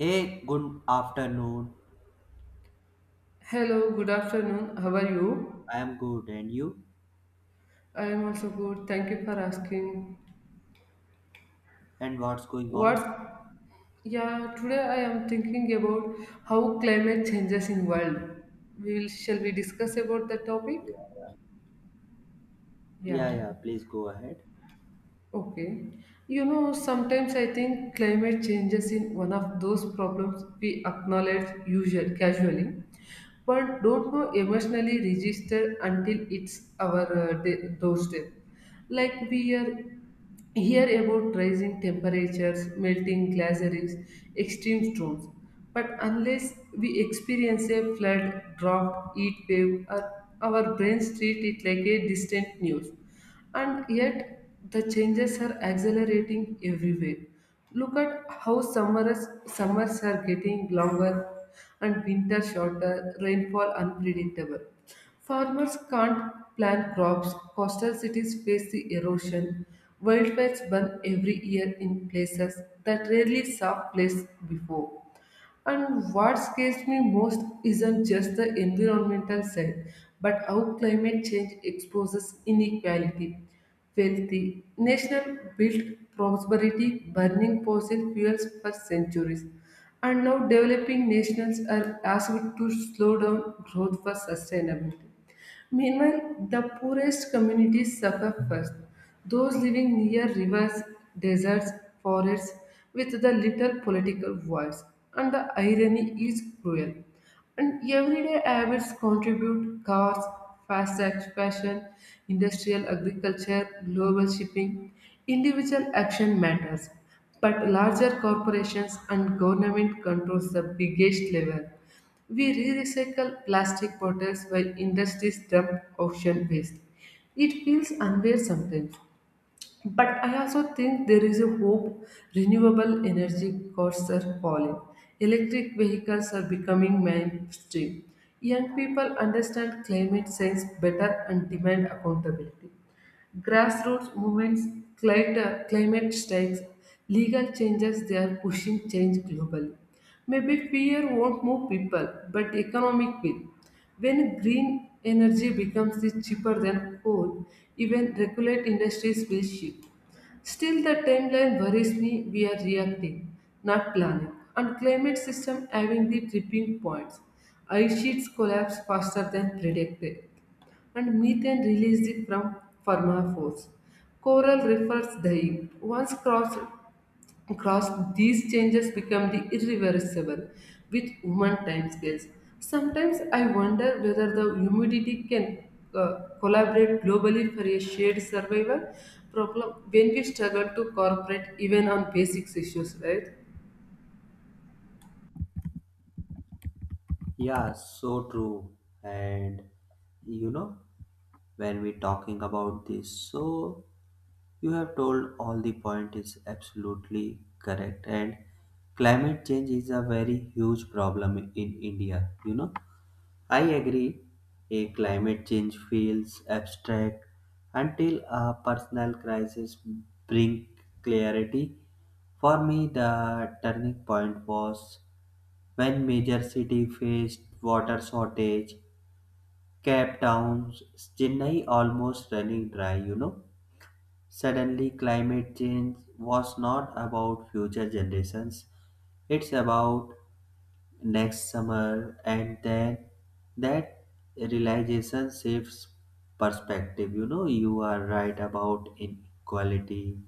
Hey, good afternoon. Hello, good afternoon. How are you? I am good, and you? I am also good. Thank you for asking. And what's going on? What? Yeah, Today I am thinking about how climate changes in world. We will shall we discuss about the topic? Yeah, yeah, Yeah. yeah. Please go ahead. Okay. You know, sometimes I think climate changes in one of those problems we acknowledge usual casually, but don't know emotionally register until it's our day, doorstep like we are. Hear about rising temperatures, melting glaciers, extreme storms. But unless we experience a flood, drought, heat wave, or our brains treat it like a distant news. And yet, the changes are accelerating everywhere. Look at how summers are getting longer and winter shorter, rainfall unpredictable. Farmers can't plant crops, coastal cities face the erosion, wildfires burn every year in places that rarely saw place before. And what scares me most isn't just the environmental side, but how climate change exposes inequality. Wealthy nations built prosperity, burning fossil fuels for centuries. And now developing nations are asked to slow down growth for sustainability. Meanwhile, the poorest communities suffer first, those living near rivers, deserts, forests, with the little political voice. And the irony is cruel. And everyday habits contribute cars, fast fashion, industrial agriculture, global shipping. Individual action matters, but larger corporations and government controls the biggest level. We re-recycle plastic bottles while industries dump ocean waste. It feels unfair sometimes. But I also think there is a hope. Renewable energy costs are falling. Electric vehicles are becoming mainstream. Young people understand climate science better and demand accountability. Grassroots movements, climate strikes, legal changes, they are pushing change globally. Maybe fear won't move people, but economic will. When green energy becomes the cheaper than coal, even regulate industries will shift. Still, the timeline worries me. We are reacting, not planning. And climate system having the tripping points. Ice sheets collapse faster than predicted and methane released it from pharmaphores. Coral refers dying. Once crossed, these changes become the irreversible with human timescales. Sometimes I wonder whether the humidity can collaborate globally for a shared survival problem when we struggle to cooperate even on basic issues, right? Yeah, so true. And you know, when we talking about this, so you have told all the point is absolutely correct. And climate change is a very huge problem in India. I agree. A climate change feels abstract until a personal crisis brings clarity. For me, the turning point was when major cities faced water shortage, Cape Town's Chennai almost running dry. Suddenly, climate change was not about future generations, it's about next summer, and then that realization shifts perspective. You are right about inequality.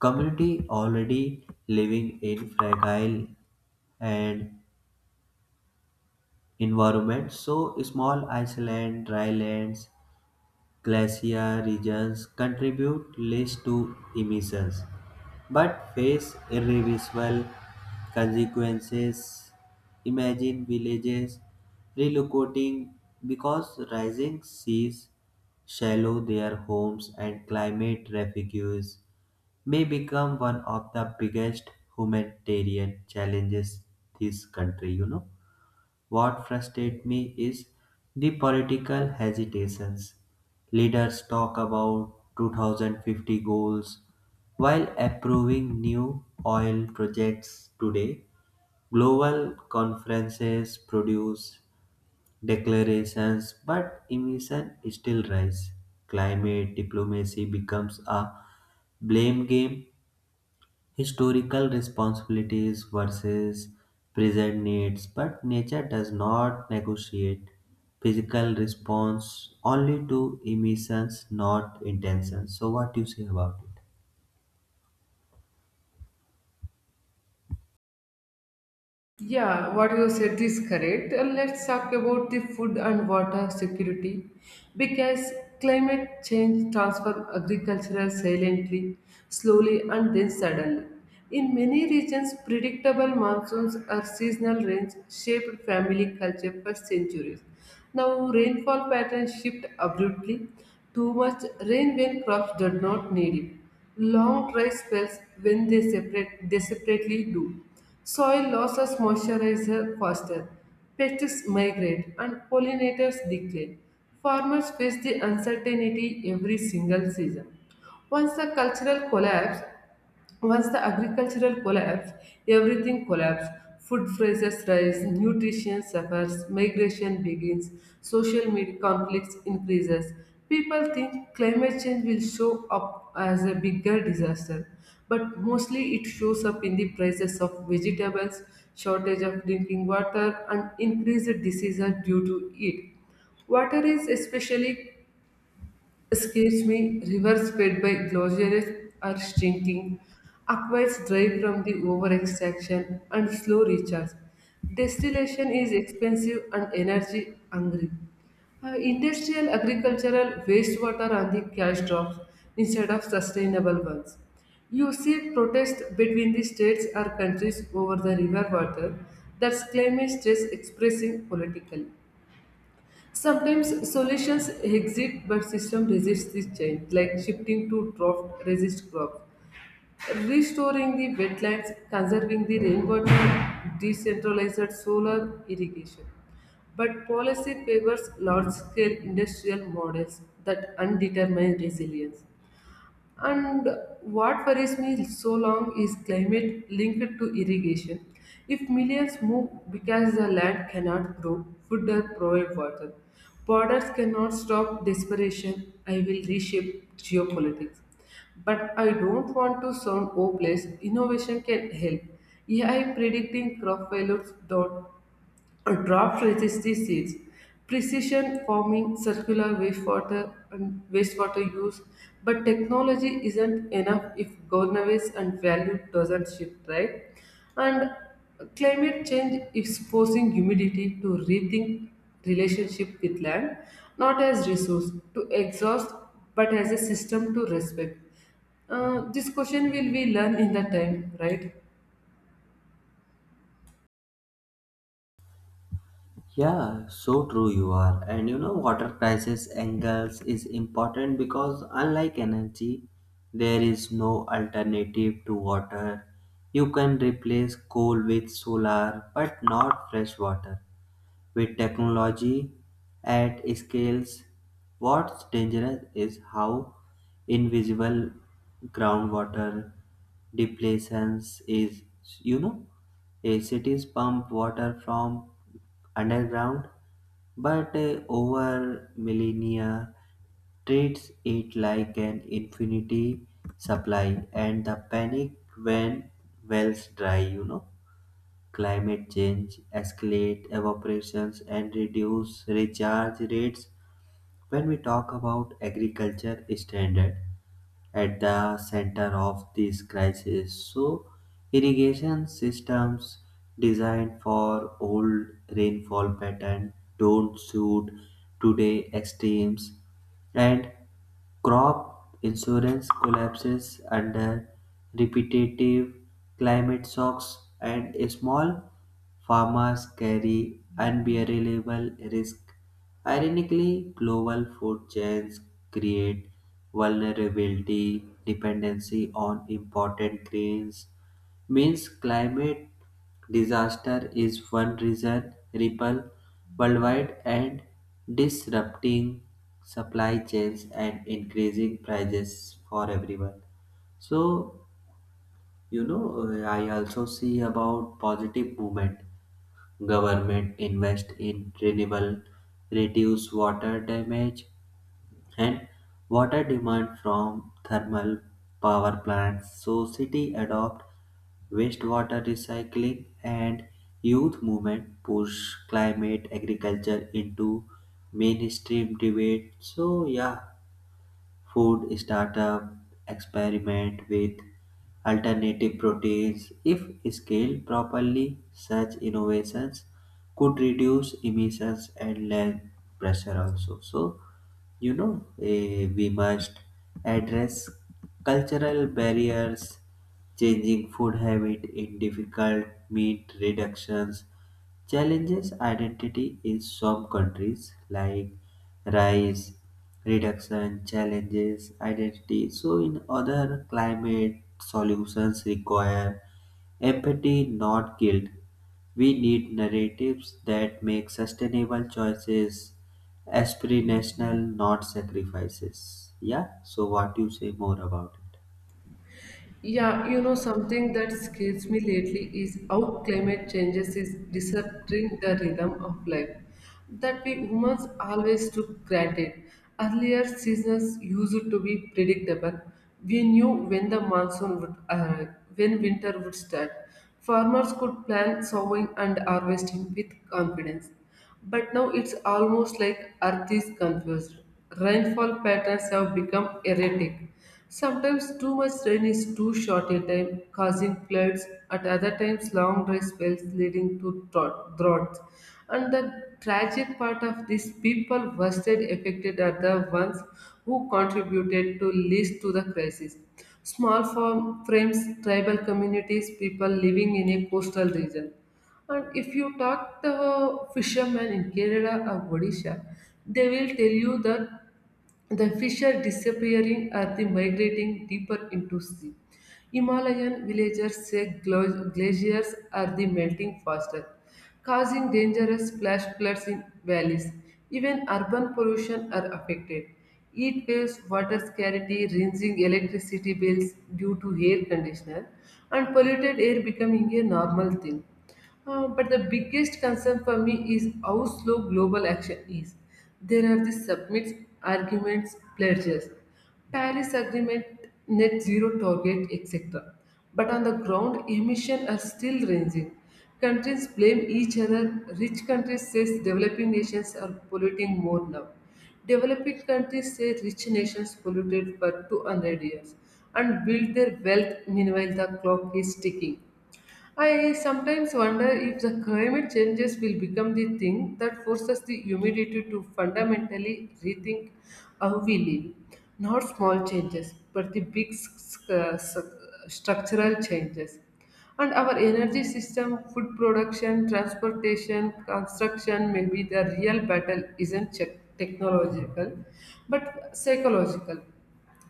Community already living in fragile and environment, so small island, dry lands, glacier regions contribute least to emissions but face irreversible consequences. Imagine villages relocating because rising seas shallow their homes, and climate refugees may become one of the biggest humanitarian challenges this country. What frustrates me is the political hesitations. Leaders talk about 2050 goals while approving new oil projects today. Global conferences produce declarations, but emissions still rise. Climate diplomacy becomes a blame game, historical responsibilities versus present needs, but nature does not negotiate physical response only to emissions, not intentions. So, what do you say about it? Yeah, what you said is correct. Let's talk about the food and water security because climate change transforms agriculture silently, slowly, and then suddenly. In many regions, predictable monsoons or seasonal rains shaped family culture for centuries. Now, rainfall patterns shift abruptly. Too much rain when crops do not need it. Long dry spells when they separately do. Soil loses moisturizer faster, pests migrate and pollinators decline. Farmers face the uncertainty every single season. Once the cultural collapse, Once the agricultural collapse, everything collapses. Food prices rise, nutrition suffers, migration begins, social media conflicts increases. People think climate change will show up as a bigger disaster, but mostly it shows up in the prices of vegetables, shortage of drinking water, and increased diseases due to it. Water is especially. Excuse me, rivers fed by glaciers are shrinking. Aquifers dry from the over-extraction and slow recharge. Distillation is expensive and energy hungry. Industrial agricultural wastewater are the cash drops instead of sustainable ones. You see protests between the states or countries over the river water, that's climate stress expressing politically. Sometimes solutions exist, but system resists this change, like shifting to drought resist crops, restoring the wetlands, conserving the rainwater, decentralized solar irrigation. But policy favors large scale industrial models that undetermine resilience. And what worries me so long is climate linked to irrigation. If millions move because the land cannot grow, food or provide water, borders cannot stop desperation. I will reshape geopolitics. But I don't want to sound hopeless. Innovation can help. AI predicting crop failures, drop resists the seeds. Precision farming, circular wastewater and wastewater use, but technology isn't enough if governance and value doesn't shift, right? And climate change is forcing humanity to rethink relationship with land, not as resource to exhaust, but as a system to respect. This question will be learned in the time, right? Yeah, so true you are. And water crisis angles is important because unlike energy, there is no alternative to water. You can replace coal with solar, but not fresh water. With technology at scales, what's dangerous is how invisible groundwater depletion is. You know, a cities pump water from underground, but over millennia treats it like an infinity supply, and the panic when wells dry. Climate change escalate evaporations and reduce recharge rates. When we talk about agriculture standard at the center of this crisis, so irrigation systems designed for old rainfall pattern don't suit today extremes, and crop insurance collapses under repetitive climate shocks, and small farmers carry unbearable risk. Ironically, global food chains create vulnerability, dependency on imported grains means climate disaster is one reason ripple worldwide, and disrupting supply chains and increasing prices for everyone. So, I also see about positive movement. Government invest in renewable, reduce water damage and water demand from thermal power plants. So city adopt wastewater recycling, and youth movement push climate agriculture into mainstream debate. So yeah, food startup experiment with alternative proteins. If scaled properly, such innovations could reduce emissions and land pressure also. So, we must address cultural barriers, changing food habit in difficult meat reductions, challenges identity in some countries like rice reduction challenges identity. So in other climate solutions require empathy, not guilt. We need narratives that make sustainable choices aspirational, not sacrifices. Yeah. So what you say more about it? Yeah, you know, something that scares me lately is how climate changes is disrupting the rhythm of life that we humans always took granted. Earlier seasons used to be predictable. We knew when the monsoon would arrive, when winter would start. Farmers could plan sowing and harvesting with confidence. But now it's almost like Earth is confused. Rainfall patterns have become erratic. Sometimes too much rain is too short a time, causing floods, at other times, long dry spells leading to droughts. And the tragic part of this, people worst affected are the ones who contributed to least to the crisis. Small farm frames, tribal communities, people living in a coastal region. And if you talk the fishermen in Kerala or Odisha, they will tell you that the fish are disappearing or the migrating deeper into sea. Himalayan villagers say glaciers are the melting faster, causing dangerous flash floods in valleys. Even urban pollution are affected. Heat waves, water scarcity, rinsing electricity bills due to air conditioner, and polluted air becoming a normal thing. But the biggest concern for me is how slow global action is. There are the submits, arguments, pledges, Paris Agreement, net zero target, etc. But on the ground, emissions are still ranging. Countries blame each other. Rich countries say developing nations are polluting more now. Developing countries say rich nations polluted for 200 years and build their wealth meanwhile the clock is ticking. I sometimes wonder if the climate changes will become the thing that forces the humanity to fundamentally rethink how we live. Not small changes, but the big structural changes. And our energy system, food production, transportation, construction, maybe the real battle isn't technological, but psychological.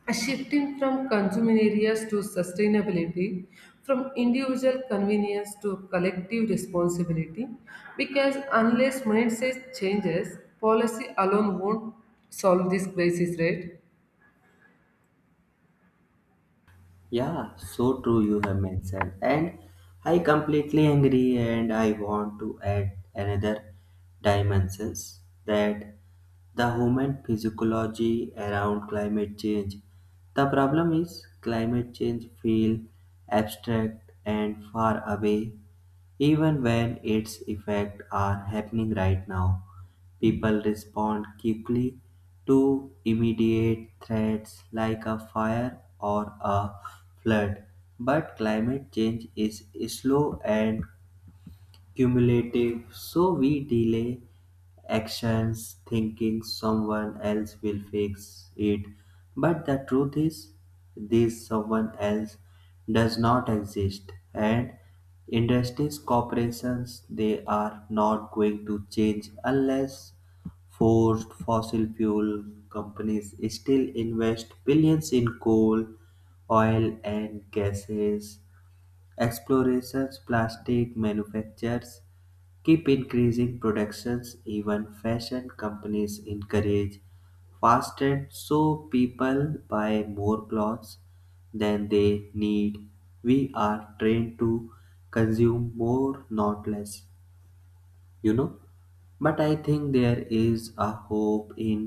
A shifting from consuming areas to sustainability, from individual convenience to collective responsibility, because unless mindset changes, policy alone won't solve this crisis, right? Yeah, so true you have mentioned. And I completely agree, and I want to add another dimensions that the human physiology around climate change. The problem is climate change feel abstract and far away even when its effects are happening right now. People respond quickly to immediate threats like a fire or a flood, but climate change is slow and cumulative, so we delay actions thinking someone else will fix it. But the truth is, this someone else does not exist, and industries, corporations, they are not going to change unless forced. Fossil fuel companies still invest billions in coal, oil, and gases explorations, plastic manufacturers keep increasing productions, even fashion companies encourage fast trend, so people buy more clothes than they need. We are trained to consume more, not less. you know but I think there is a hope in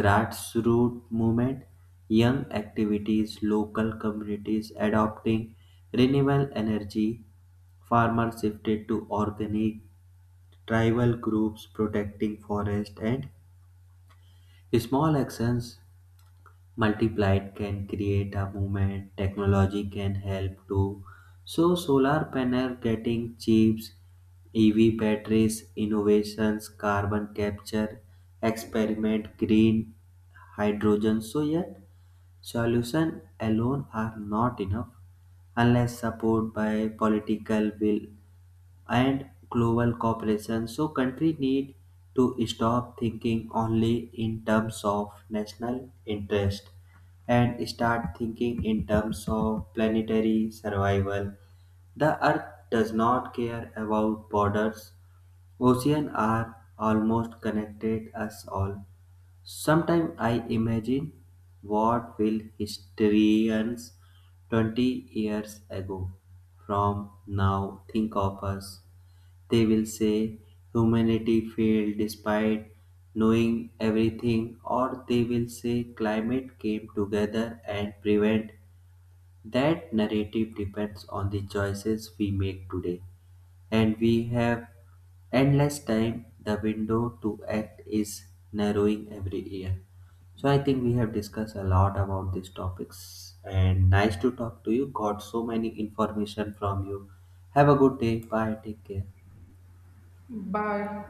grassroots movement, young activities, local communities adopting renewable energy, farmers shifted to organic, tribal groups protecting forests, and small actions multiplied can create a movement. Technology can help too. So solar panel getting chips, EV batteries, innovations, carbon capture, experiment, green hydrogen. So yet solution alone are not enough unless support by political will and global cooperation. So country need to stop thinking only in terms of national interest and start thinking in terms of planetary survival. The earth does not care about borders. Oceans are almost connected us all. Sometimes I imagine what will historians 20 years ago from now think of us. They will say humanity failed despite knowing everything, or they will say climate came together and prevent. That narrative depends on the choices we make today, and we have endless time. The window to act is narrowing every year. So I think we have discussed a lot about these topics, and nice to talk to you. Got so many information from you. Have a good day. Bye. Take care. Bye.